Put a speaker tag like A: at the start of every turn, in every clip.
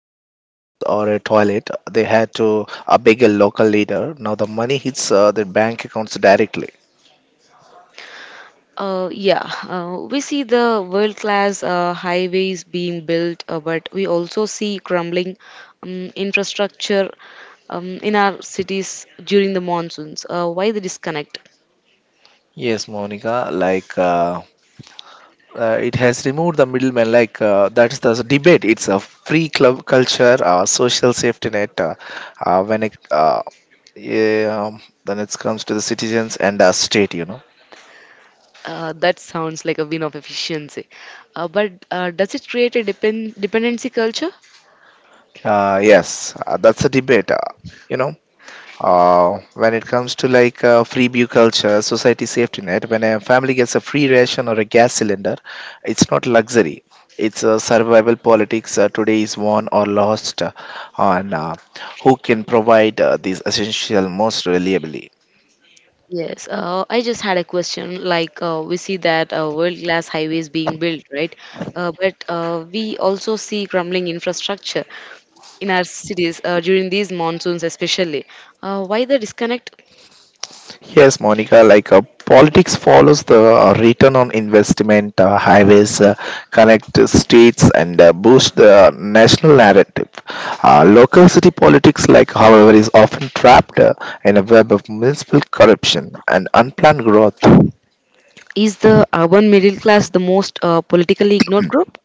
A: needed a house or a toilet, they had to beg a local leader. Now the money hits their bank accounts directly.
B: Yeah, we see the world class highways being built, but we also see crumbling infrastructure in our cities during the monsoons. Why the disconnect?
A: Yes, Monica, it has removed the middleman. That's the debate. It's a free club culture, social safety net. Uh, when it uh, yeah, then it comes to the citizens and the state, you know.
B: That sounds like a win of efficiency. But does it create a dependency culture?
A: Yes, that's a debate. You know. When it comes to free beer culture, society safety net, when a family gets a free ration or a gas cylinder, it's not luxury. It's survival politics. Today is won or lost on who can provide these essential most reliably.
B: Yes, I just had a question. Like, we see that world-class highways being built, right? But we also see crumbling infrastructure in our cities during these monsoons, especially. Why the disconnect?
A: Yes, Monica, politics follows the return on investment. Uh, highways connect states and boost the national narrative. Local city politics, like, however, is often trapped in a web of municipal corruption and unplanned growth.
B: Is the urban middle class the most politically ignored group?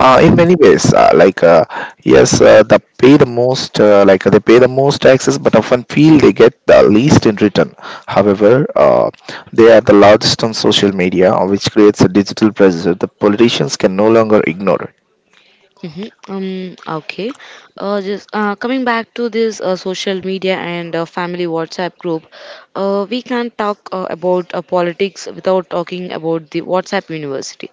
A: In many ways, yes, they pay the most taxes but often feel they get the least in return. However They are the largest on social media, which creates a digital pressure the politicians can no longer ignore it.
B: Hmm. Okay. Just coming back to this social media and family WhatsApp group, we can't talk about politics without talking about the WhatsApp University.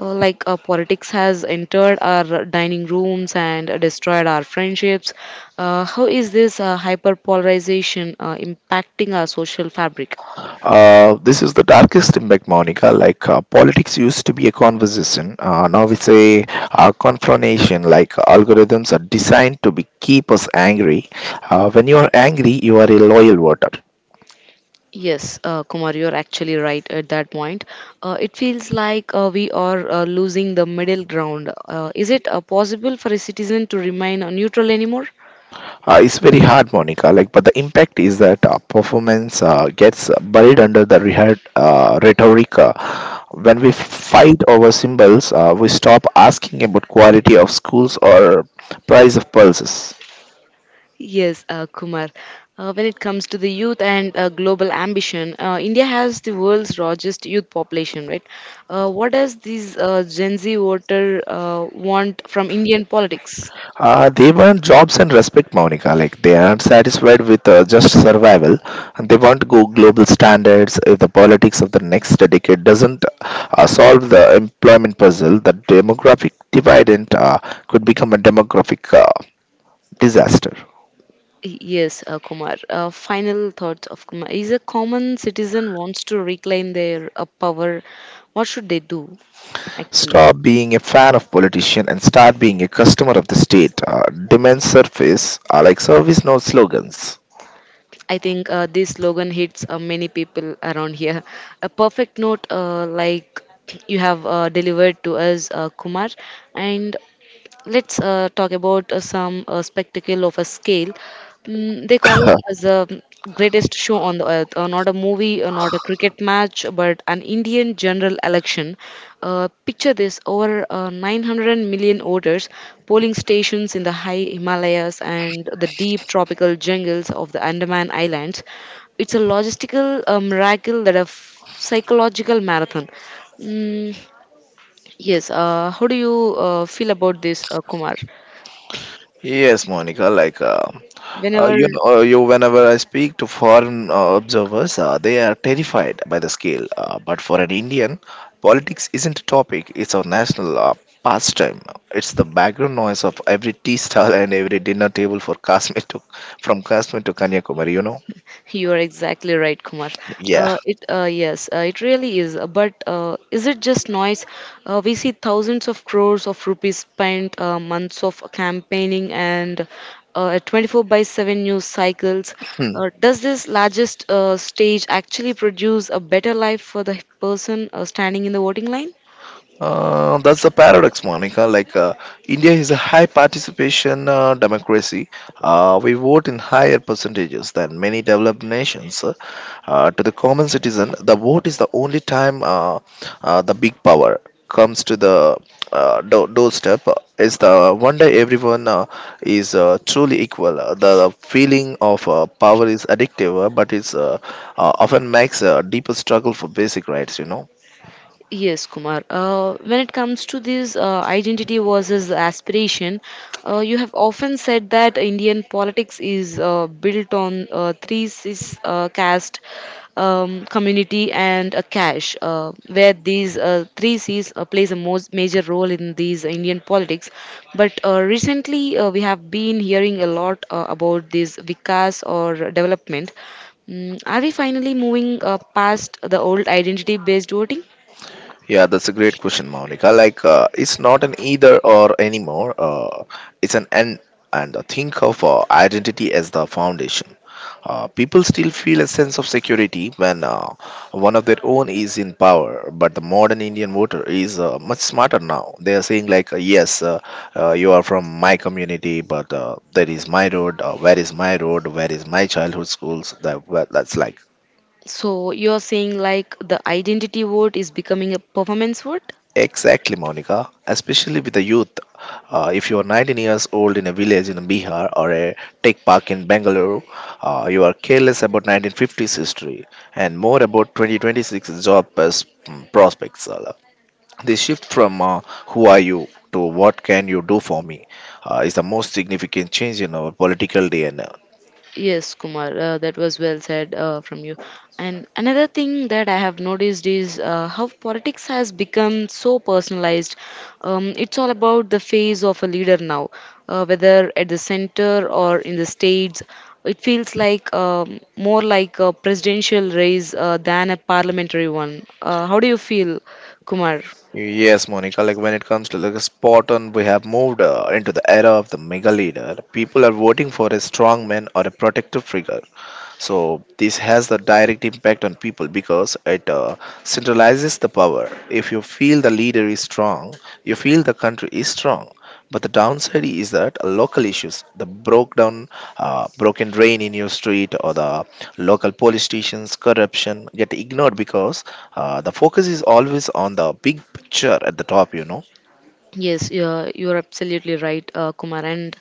B: Like, politics has entered our dining rooms and destroyed our friendships. How is this hyper polarization impacting our social fabric?
A: This is the darkest impact, Monica. Politics used to be a conversation. Now it's a confrontation. Like, algorithms are designed to be keep us angry. When you are angry, you are a loyal voter.
B: Yes, Kumar, you're actually right at that point. It feels like we are losing the middle ground. Is it possible for a citizen to remain neutral anymore?
A: It's very hard, Monica. Like, but the impact is that performance gets buried under the rhetoric. When we fight over symbols, we stop asking about quality of schools or price of pulses.
B: Yes, Kumar. When it comes to the youth and global ambition, India has the world's largest youth population, right? What does this Gen Z voter want from Indian politics?
A: They want jobs and respect, Monica. Like, they aren't satisfied with just survival, and they want go global standards. If the politics of the next decade doesn't solve the employment puzzle, the demographic dividend could become a demographic disaster.
B: Yes, Kumar. Final thoughts of Kumar. Is a common citizen wants to reclaim their power, what should they do? Actually,
A: Stop being a fan of politician and start being a customer of the state. Demand service are like service, no slogans.
B: I think this slogan hits many people around here. A perfect note, like you have delivered to us, Kumar, and let's talk about some spectacle of a scale. They call it as the greatest show on the earth. Not a movie, not a cricket match, but an Indian general election. Picture this: over 900 million voters, polling stations in the high Himalayas and the deep tropical jungles of the Andaman Islands. It's a logistical miracle that a psychological marathon. Yes. How do you feel about this, Kumar?
A: Yes, Monica. Like
B: Whenever
A: you know, you Whenever I speak to foreign observers, they are terrified by the scale. But for an Indian, politics isn't a topic; it's our national pastime. It's the background noise of every tea stall and every dinner table for Kashmir to from Kashmir to Kanyakumari. You know?
B: You are exactly right, Kumar.
A: Yeah.
B: It Yes, it really is. But is it just noise? We see thousands of crores of rupees spent, months of campaigning, and a 24 by 7 news cycles. Does this largest stage actually produce a better life for the person standing in the voting line?
A: That's a paradox, Monica. India is a high participation democracy. We vote in higher percentages than many developed nations. To the common citizen, the vote is the only time the big power comes to the doorstep. It's the one day everyone is truly equal. The feeling of power is addictive, but it's often makes a deeper struggle for basic rights. You know.
B: Yes, Kumar. When it comes to this identity versus aspiration, you have often said that Indian politics is built on three cis, caste, community and a cash, where these three C's plays a most major role in these Indian politics. But recently, we have been hearing a lot about this Vikas or development. Are we finally moving past the old identity-based voting?
A: Yeah, that's a great question, Monica. Like, it's not an either or anymore. It's an and. And think of identity as the foundation. People still feel a sense of security when one of their own is in power. But the modern Indian voter is much smarter now. They are saying, like, yes, you are from my community, but there is my road. Where is my road? Where is my childhood schools? That well, that's like.
B: So you're saying like the identity vote is becoming a performance vote?
A: Exactly, Monica, especially with the youth. If you are 19 years old in a village in Bihar or a tech park in Bangalore, you are careless about 1950s history and more about 2026 job prospects. The shift from who are you to what can you do for me is the most significant change in our political DNA.
B: Yes, Kumar, that was well said from you. And another thing that I have noticed is how politics has become so personalized. It's all about the face of a leader now, whether at the center or in the states. It feels like more like a presidential race than a parliamentary one. How do you feel, Kumar?
A: Yes, Monica, like, when it comes to like a spot on, we have moved into the era of the mega leader. People are voting for a strong man or a protective figure. So this has the direct impact on people because it centralizes the power. If you feel the leader is strong, you feel the country is strong. But the downside is that local issues, the broken drain in your street, or the local police stations, corruption get ignored because the focus is always on the big picture at the top. You know.
B: Yes, you're absolutely right, Kumar. And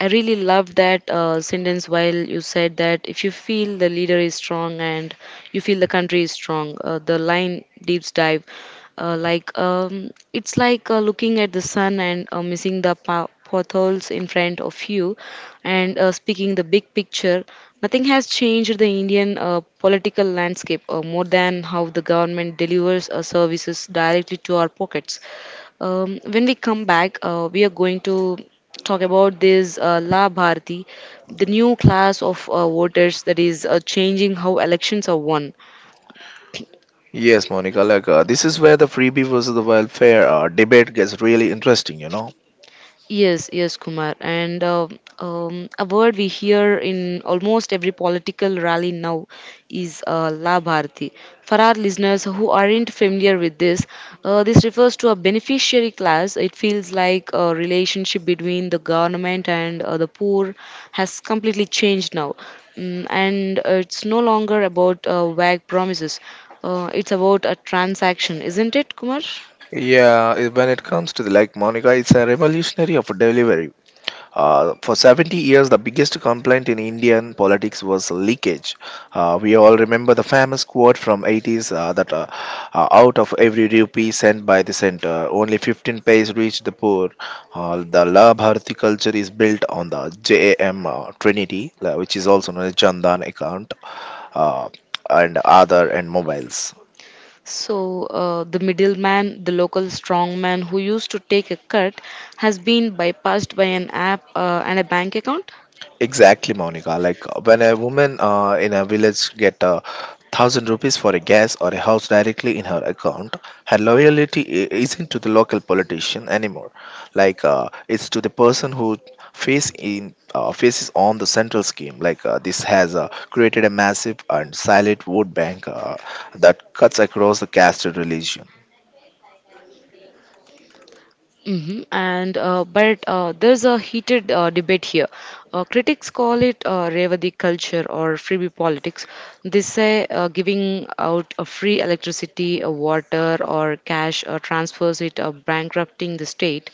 B: I really love that sentence while you said that if you feel the leader is strong and you feel the country is strong, the line deeps dive. Like, it's like looking at the sun and missing the potholes in front of you, and speaking the big picture. Nothing has changed the Indian political landscape more than how the government delivers services directly to our pockets. When we come back, we are going to talk about this La Bharti, the new class of voters that is changing how elections are won.
A: Yes, Monica. This is where the freebie versus the welfare debate gets really interesting. You know.
B: Yes, yes, Kumar. And a word we hear in almost every political rally now is La bharti." For our listeners who aren't familiar with this, this refers to a beneficiary class. It feels like a relationship between the government and the poor has completely changed now. And it's no longer about vague promises, it's about a transaction, isn't it, Kumar?
A: Yeah, I- when it comes to the, like Monica, it's a revolutionary of delivery. For 70 years, the biggest complaint in Indian politics was leakage. We all remember the famous quote from 80s that out of every rupee sent by the center, only 15 paise reached the poor. The Labh Bharati culture is built on the JAM Trinity, which is also known as Chandan account, uh, and other and mobiles.
B: So, the middleman, the local strongman who used to take a cut, has been bypassed by an app and a bank account.
A: Exactly, Monica. Like, when a woman in a village get a 1,000 rupees for a gas or a house directly in her account, her loyalty isn't to the local politician anymore. It's to the person who faces on the central scheme. This has created a massive and silent vote bank that cuts across the caste and religion.
B: And but there's a heated debate here. Critics call it Revadi culture or freebie politics. They say giving out free electricity, water, or cash transfers it bankrupting the state.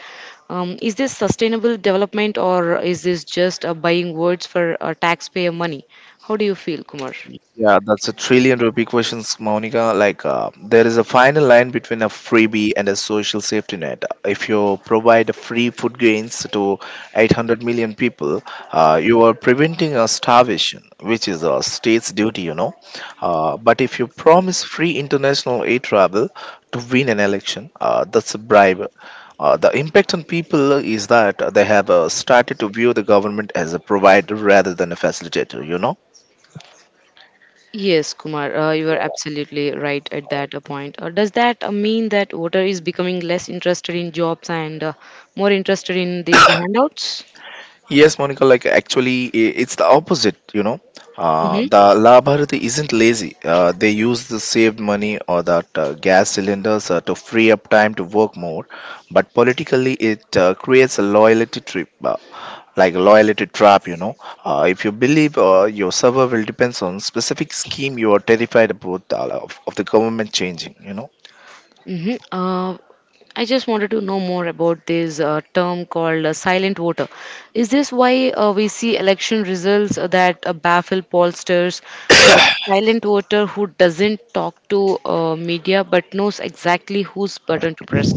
B: Is this sustainable development or is this just buying words for taxpayer money? How do you feel, Kumar?
A: Yeah, that's a trillion rupee questions, Monica. Like, there is a fine line between a freebie and a social safety net. If you provide free food grains to 800 million people, you are preventing a starvation, which is a state's duty, you know. But if you promise free international aid travel to win an election, that's a bribe. The impact on people is that they have started to view the government as a provider rather than a facilitator, you know.
B: Yes, Kumar, you are absolutely right at that point. Does that mean that voter is becoming less interested in jobs and more interested in these handouts?
A: Yes, Monica, like, actually, it's the opposite, you know.
B: Mm-hmm.
A: The La Bharati isn't lazy. They use the saved money or that gas cylinders to free up time to work more. But politically, it creates a loyalty trip, like a loyalty trap, you know. If you believe your survival depends on specific scheme, you are terrified of the government changing, you know.
B: Mm-hmm. I just wanted to know more about this term called silent voter. Is this why we see election results that baffle pollsters? The silent voter who doesn't talk to media but knows exactly whose button to press.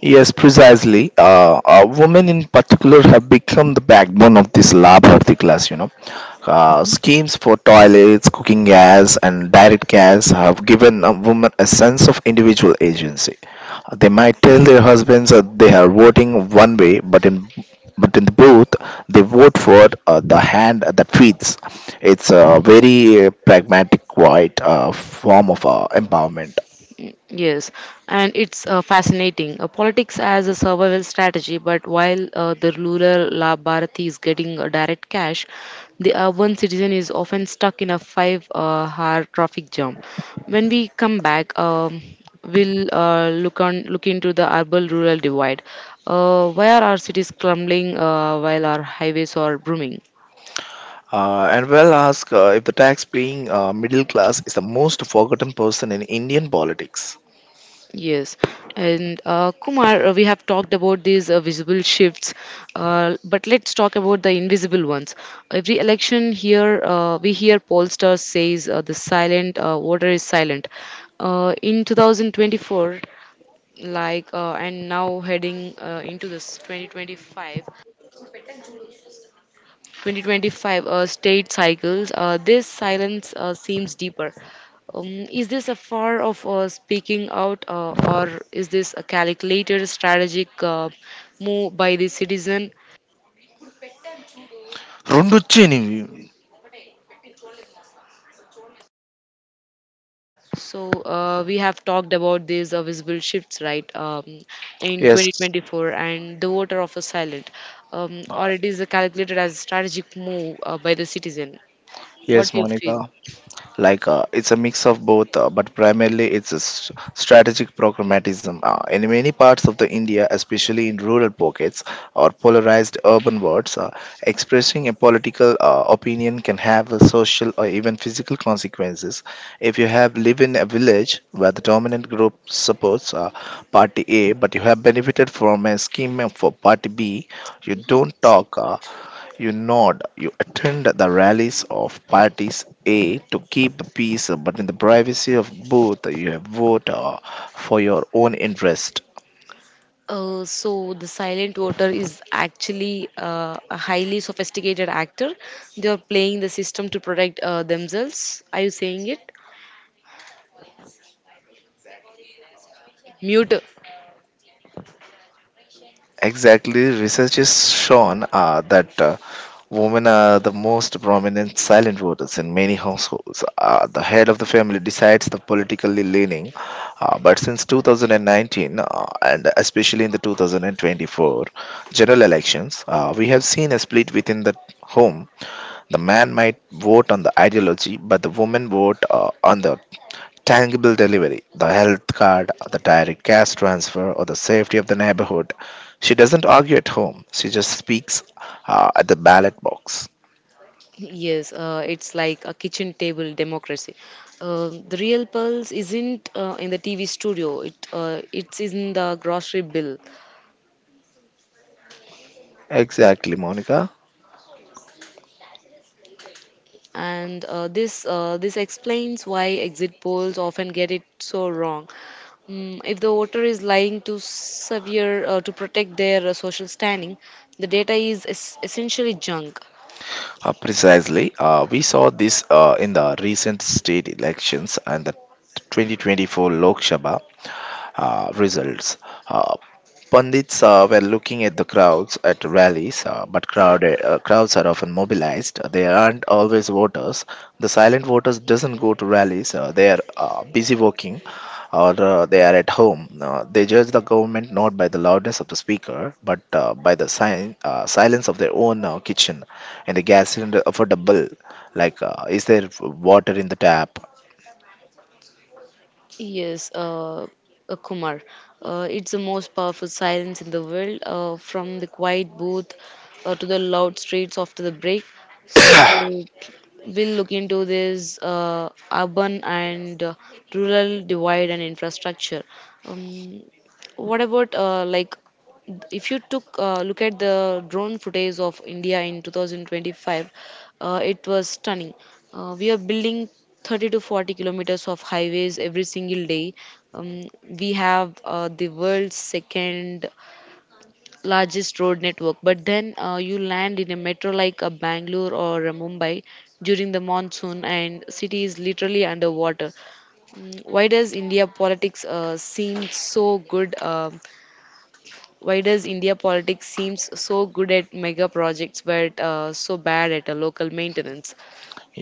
A: Yes, precisely. Women in particular have become the backbone of this Labharti class, you know. Schemes for toilets, cooking gas, and direct gas have given a woman a sense of individual agency. They might tell their husbands that they are voting one way, but in the booth, they vote for the hand that feeds. It's a very pragmatic, quiet form of empowerment.
B: Yes, and it's fascinating. Politics as a survival strategy, but while the ruler La Bharati is getting direct cash, the urban citizen is often stuck in a five hour traffic jam. When we come back, we'll look into the urban rural divide. Why are our cities crumbling while our highways are booming?
A: And well ask if the tax paying middle class is the most forgotten person in Indian politics.
B: Yes, and Kumar, we have talked about these visible shifts, but let's talk about the invisible ones. Every election here, we hear pollsters says the silent voter is silent. In 2024, and now heading into this 2025 state cycles, this silence seems deeper. Is this a far of speaking out, or is this a calculated strategic move by the citizen?
A: రెండు వచ్చాయి నీవి
B: So we have talked about these visible shifts, right, in
A: Yes,
B: 2024, and the voter of a silent,
A: uh,
B: or it is calculated as a strategic move by the citizen. What
A: yes,
B: do you
A: Monica.
B: feel?
A: It's a mix of both, but primarily it's a strategic programmatism in many parts of the india, especially in rural pockets or polarized urban wards. Expressing a political opinion can have a social or even physical consequences. If you have live in a village where the dominant group supports party a but you have benefited from a scheme for party b, you don't talk. You nod, you attend the rallies of parties A to keep the peace, but in the privacy of booth, you vote for your own interest.
B: So the silent voter is actually a highly sophisticated actor. They are playing the system to protect themselves. Are you saying it? Mute.
A: Exactly, research has shown that women are the most prominent silent voters in many households. The head of the family decides the politically leaning, but since 2019 and especially in the 2024 general elections, we have seen a split within the home. The man might vote on the ideology, but the woman vote on the tangible delivery, the health card, the direct cash transfer, or the safety of the neighborhood. She doesn't argue at home. She just speaks at the ballot box.
B: Yes, it's like a kitchen table democracy. The real pulse isn't in the TV studio. It's in the grocery bill,
A: Exactly, Monica.
B: and this explains why exit polls often get it so wrong. If the voter is lying to severe to protect their social standing, the data is essentially junk.
A: Precisely. We saw this in the recent state elections and the 2024 Lok Sabha results. Uh, Pundits were looking at the crowds at rallies, crowds are often mobilized. They aren't always voters. The silent voters doesn't go to rallies. They are busy working or they are at home. They judge the government not by the loudness of the speaker, but by the silence of their own kitchen and the gas cylinder affordable. Like, is there water in the tap?
B: Yes, Kumar. It's the most powerful silence in the world, from the quiet booth to the loud streets after the break. So we'll look into this urban and rural divide and infrastructure. Um, what about like if you took look at the drone footage of India in 2025, it was stunning. We are building 30 to 40 kilometers of highways every single day. We have the world's second largest road network. But then you land in a metro like a Bangalore or a Mumbai during the monsoon, and city is literally underwater. Why does India politics seem so good? Why does India politics seems so good at mega projects but so bad at a local maintenance?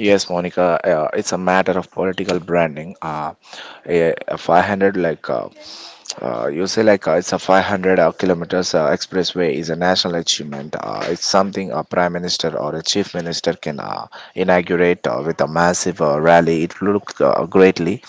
A: Yes, Monica, it's a matter of political branding. A 500 like you say like it's a 500 kilometers expressway is a national achievement, it's something a prime minister or a chief minister can inaugurate with a massive rally. It looked greatly,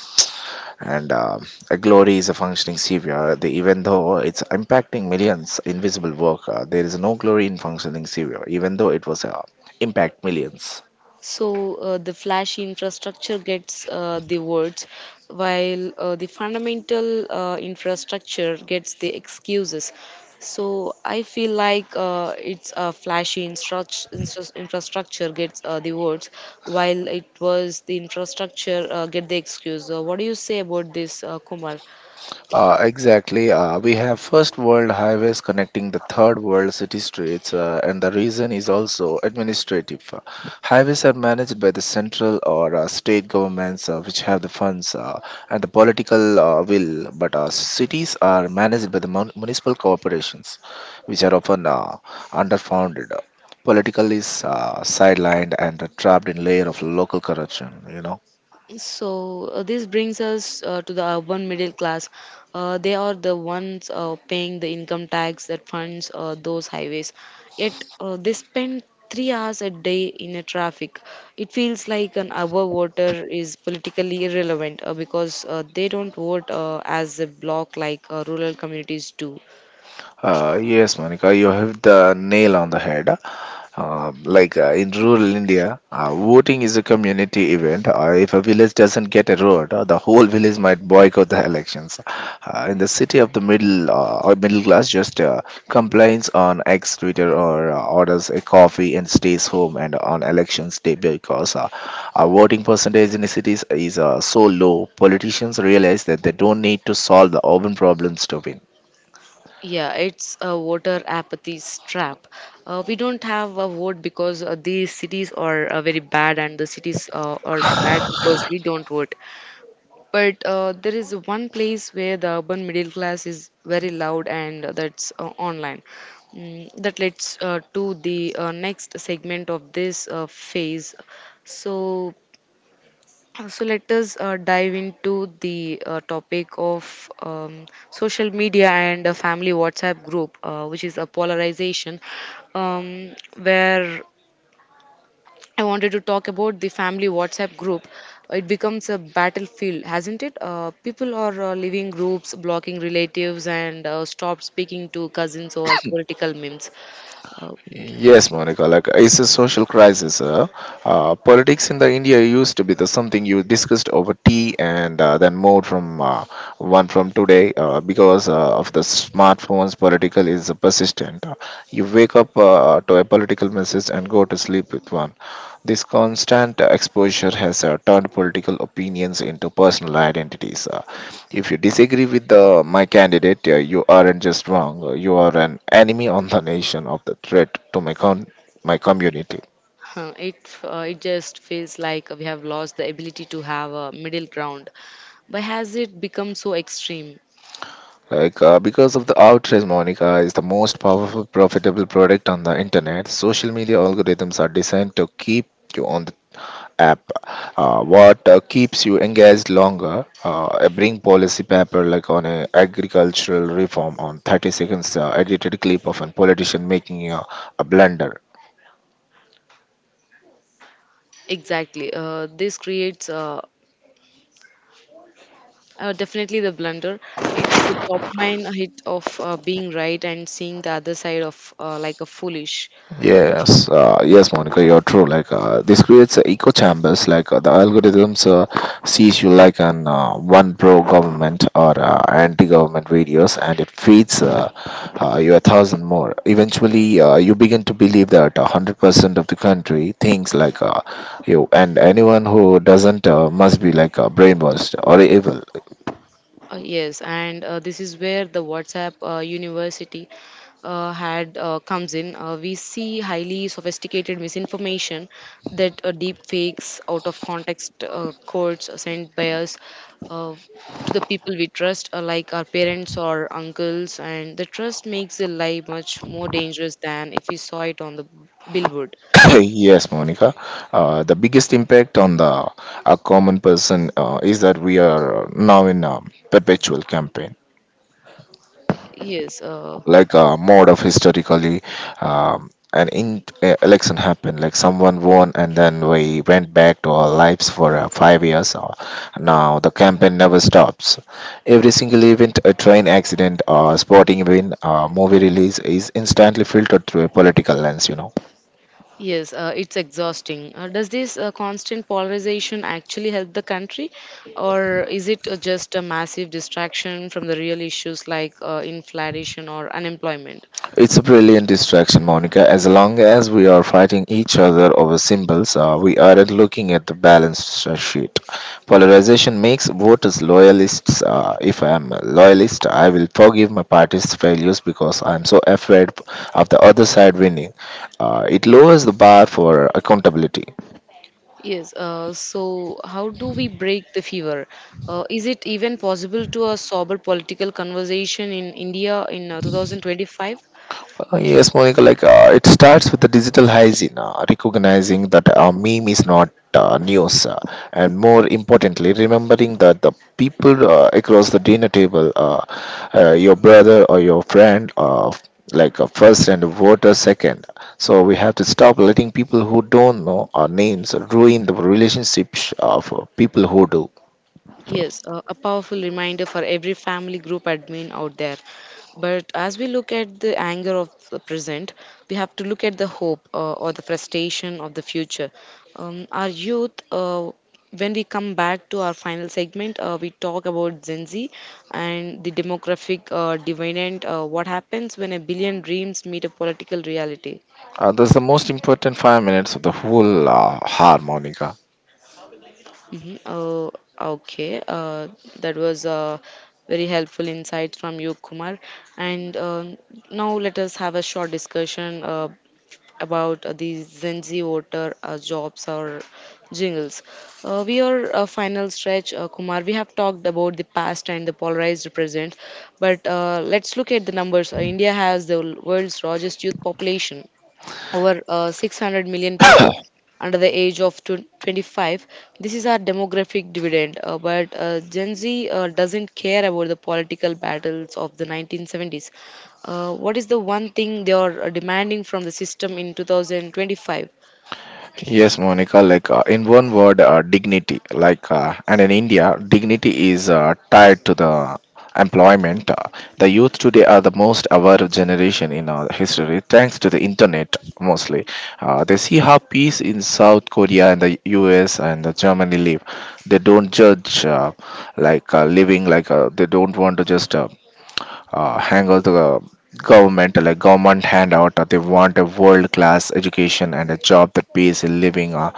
A: and a glory is a functioning savior the, even though it's impacting millions invisible work, there is no glory in functioning savior even though it was impact millions.
B: So the flashy infrastructure gets the words, while the fundamental infrastructure gets the excuses. So I feel like it's a flashy infrastructure gets the words, while it was the infrastructure get the excuse. What do you say about this, Kumar?
A: Exactly. We have first world highways connecting the third world city streets, and the reason is also administrative. Highways are managed by the central or state governments, which have the funds and the political will, but cities are managed by the municipal corporations, which are often underfunded. Political is sidelined and trapped in layer of local corruption. You know.
B: So this brings us to the urban middle class. They are the ones paying the income tax that funds those highways. Yet they spend 3 hours a day in a traffic. It feels like an hour voter is politically irrelevant because they don't vote as a block like rural communities do.
A: Yes, Monica, you have the nail on the head. Like in rural India, voting is a community event. If a village doesn't get a road, the whole village might boycott the elections. In the city of the middle or middle class, just complains on X Twitter or orders a coffee and stays home and on elections day because our voting percentage in the cities is so low. Politicians realize that they don't need to solve the urban problems to win.
B: Yeah, it's a voter apathy trap. We don't have a vote because these cities are very bad, and the cities are bad because we don't vote. But there is one place where the urban middle class is very loud, and that's online. That leads to the next segment of this phase. So So let us dive into the topic of social media and a family WhatsApp group, which is a polarization, um, where I wanted to talk about the family WhatsApp group. It becomes a battlefield, hasn't it? People are leaving groups, blocking relatives, and stop speaking to cousins or political memes. Uh,
A: Yes, Monica, like it's a social crisis. Politics in the India used to be the something you discussed over tea and then moved from one from today because of the smartphones. Political is persistent. You wake up to a political message and go to sleep with one. This constant exposure has turned political opinions into personal identities. If you disagree with the, my candidate, you aren't just wrong. You are an enemy on the nation of the threat to my my community.
B: Huh, It it just feels like we have lost the ability to have a middle ground. Why has it become so extreme?
A: Like because of the outrage, Monica is the most powerful, profitable product on the internet. Social media algorithms are designed to keep you on the app. What keeps you engaged longer? I bring policy paper like on a agricultural reform on 30 seconds edited clip of a politician making a blunder.
B: Exactly. This creates definitely the blunder. It's the dopamine hit of being right and seeing the other side of like a foolish.
A: Yes, Monica, you're true. Like this creates echo chambers. Like the algorithms sees you like an one pro government or anti-government videos, and it feeds you 1,000 more. Eventually, you begin to believe that 100% of the country thinks like you, and anyone who doesn't must be like brainwashed or evil.
B: Yes, and this is where the WhatsApp University had comes in. We see highly sophisticated misinformation that deep fakes, out of context quotes sent by us uh, to the people we trust, like our parents or uncles, and the trust makes the lie much more dangerous than if we saw it on the billboard.
A: yes, Monica. The biggest impact on the a common person is that we are now in a perpetual campaign,
B: Yes.
A: like a mode of historically election happened, like someone won and then we went back to our lives for 5 years. Now the campaign never stops. Every single event, a train accident, a sporting event, a movie release is instantly filtered through a political lens. You know.
B: Yes, it's exhausting. Does this constant polarization actually help the country, or is it just a massive distraction from the real issues like inflation or unemployment?
A: It's a brilliant distraction, Monica. As long as we are fighting each other over symbols, we aren't looking at the balance sheet. Polarization makes voters loyalists. If I am a loyalist, I will forgive my party's failures because I am so afraid of the other side winning. It lowers the bar for accountability.
B: Yes, so how do we break the fever? Is it even possible to a sober political conversation in India in 2025?
A: Yes, Monica, like it starts with the digital hygiene, recognizing that a meme is not news, and more importantly, remembering that the people across the dinner table, your brother or your friend, first and voter second. So we have to stop letting people who don't know our names ruin the relationships of people who do.
B: Yes, a powerful reminder for every family group admin out there. But as we look at the anger of the present, we have to look at the hope or the frustration of the future. Our youth, when we come back to our final segment, we talk about Gen Z and the demographic dividend, what happens when a billion dreams meet a political reality.
A: That's the most important 5 minutes of the whole harmonica.
B: Mm-hmm. Oh, okay. That was very helpful insights from you, Kumar. And now let us have a short discussion about the Gen Z voter jobs or jingles. We are a final stretch, Kumar. We have talked about the past and the polarized present, but let's look at the numbers. India has the world's largest youth population over 600 million people under the age of 25. This is our demographic dividend, but Gen Z doesn't care about the political battles of the 1970s. What is the one thing they are demanding from the system in 2025?
A: Yes, Monica, like in one word, dignity. Like, and in India, dignity is tied to the employment. The youth today are the most aware generation in our history, thanks to the internet mostly. They see how peace in South Korea and the US and the Germany live. They don't judge, living, they don't want to just hang out the government like government handout, they want a world class education and a job that pays a living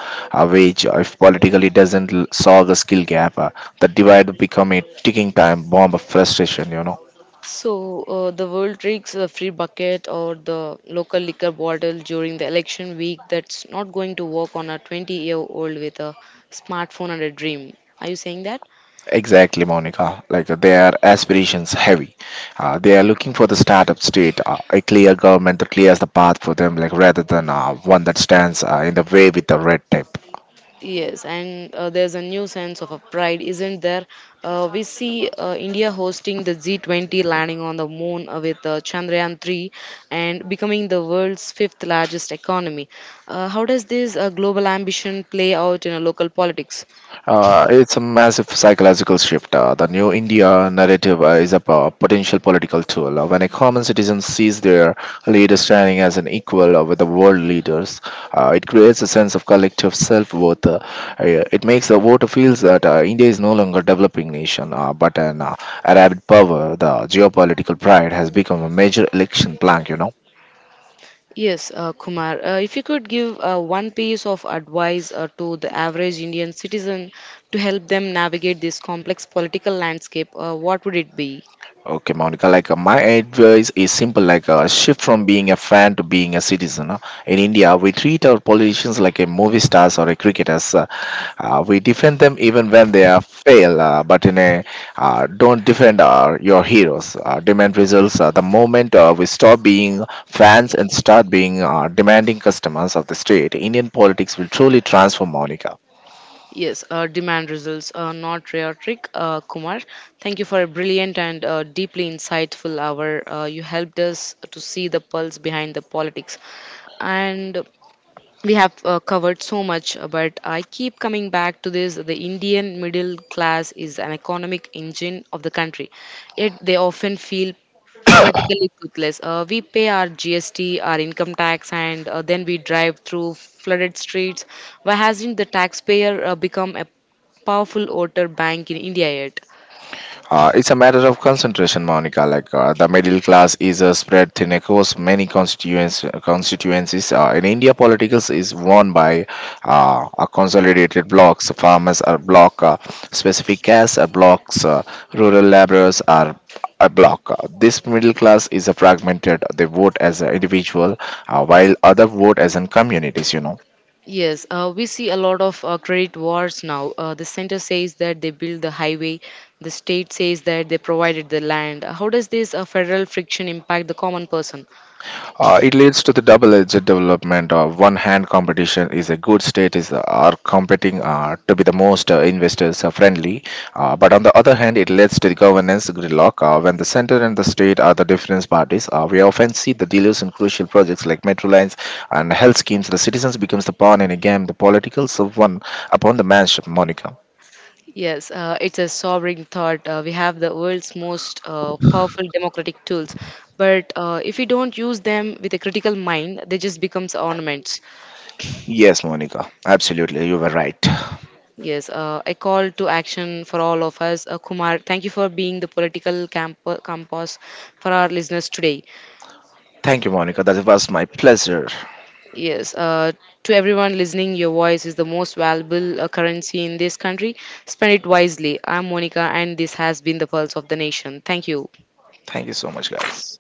A: a wage. If politically doesn't solve the skill gap, the divide will become a ticking time bomb of frustration. You know,
B: So, the world drinks the free bucket or the local liquor bottle during the election week that's not going to work on a 20-year-old with a smartphone and a dream. Are you saying that?
A: exactly, Monica. Like their aspirations heavy, they are looking for the startup state, a clear government that clears the path for them, like rather than one that stands in the way with the red tape.
B: Yes, and there's a new sense of a pride, isn't there? We see India hosting the G20 landing on the moon with Chandrayaan 3 and becoming the world's fifth largest economy. How does this global ambition play out in local politics?
A: It's a massive psychological shift. The new India narrative is a potential political tool. When a common citizen sees their leader standing as an equal with the world leaders, it creates a sense of collective self-worth. It makes the voter feels that India is no longer a developing nation, but an Arab power. The geopolitical pride has become a major election plank. You know.
B: Yes, Kumar, if you could give one piece of advice to the average Indian citizen to help them navigate this complex political landscape, what would it be?
A: Okay, Monica, like my advice is simple, like a shift from being a fan to being a citizen. In India, we treat our politicians like a movie stars or a cricketers. We defend them even when they are fail, but in a don't defend our, your heroes. Demand results. The moment we stop being fans and start being demanding customers of the state, Indian politics will truly transform, Monica.
B: Yes, demand results are not rare trick, Kumar. Thank you for a brilliant and deeply insightful hour. You helped us to see the pulse behind the politics. And we have covered so much, but I keep coming back to this. The Indian middle class is an economic engine of the country, yet they often feel politically toothless. We pay our GST, our income tax, and then we drive through flooded streets. Why hasn't the taxpayer become a powerful voter bank in India yet?
A: It's a matter of concentration, Monica. Like the middle class is spread thin across many constituencies. In India, politics is won by a consolidated blocks. Farmers are block, specific castes are blocks, rural laborers are a block. This middle class is a fragmented. They vote as an individual, while other vote as in communities. You know.
B: Yes, we see a lot of credit wars now. The center says that they built the highway, the state says that they provided the land. How does this federal friction impact the common person?
A: It leads to the double-edged development. Of one hand, competition is a good state is are competing to be the most investors friendly, but on the other hand, it leads to the governance gridlock. When the center and the state are the different parties, we often see the dealers in crucial projects like metro lines and health schemes. The citizens becomes the pawn in a game. The politicals of one upon the manship, Monica.
B: Yes, it's a sobering thought. We have the world's most powerful democratic tools, but if we don't use them with a critical mind, they just becomes ornaments.
A: Yes, Monica, absolutely, you were right.
B: Yes, a call to action for all of us. Kumar, thank you for being the political campus for our listeners today.
A: Thank you, Monica. That was my pleasure.
B: Yes, to everyone listening, your voice is the most valuable currency in this country. Spend it wisely. I'm Monica, and this has been the Pulse of the Nation. Thank you.
A: Thank you so much, guys.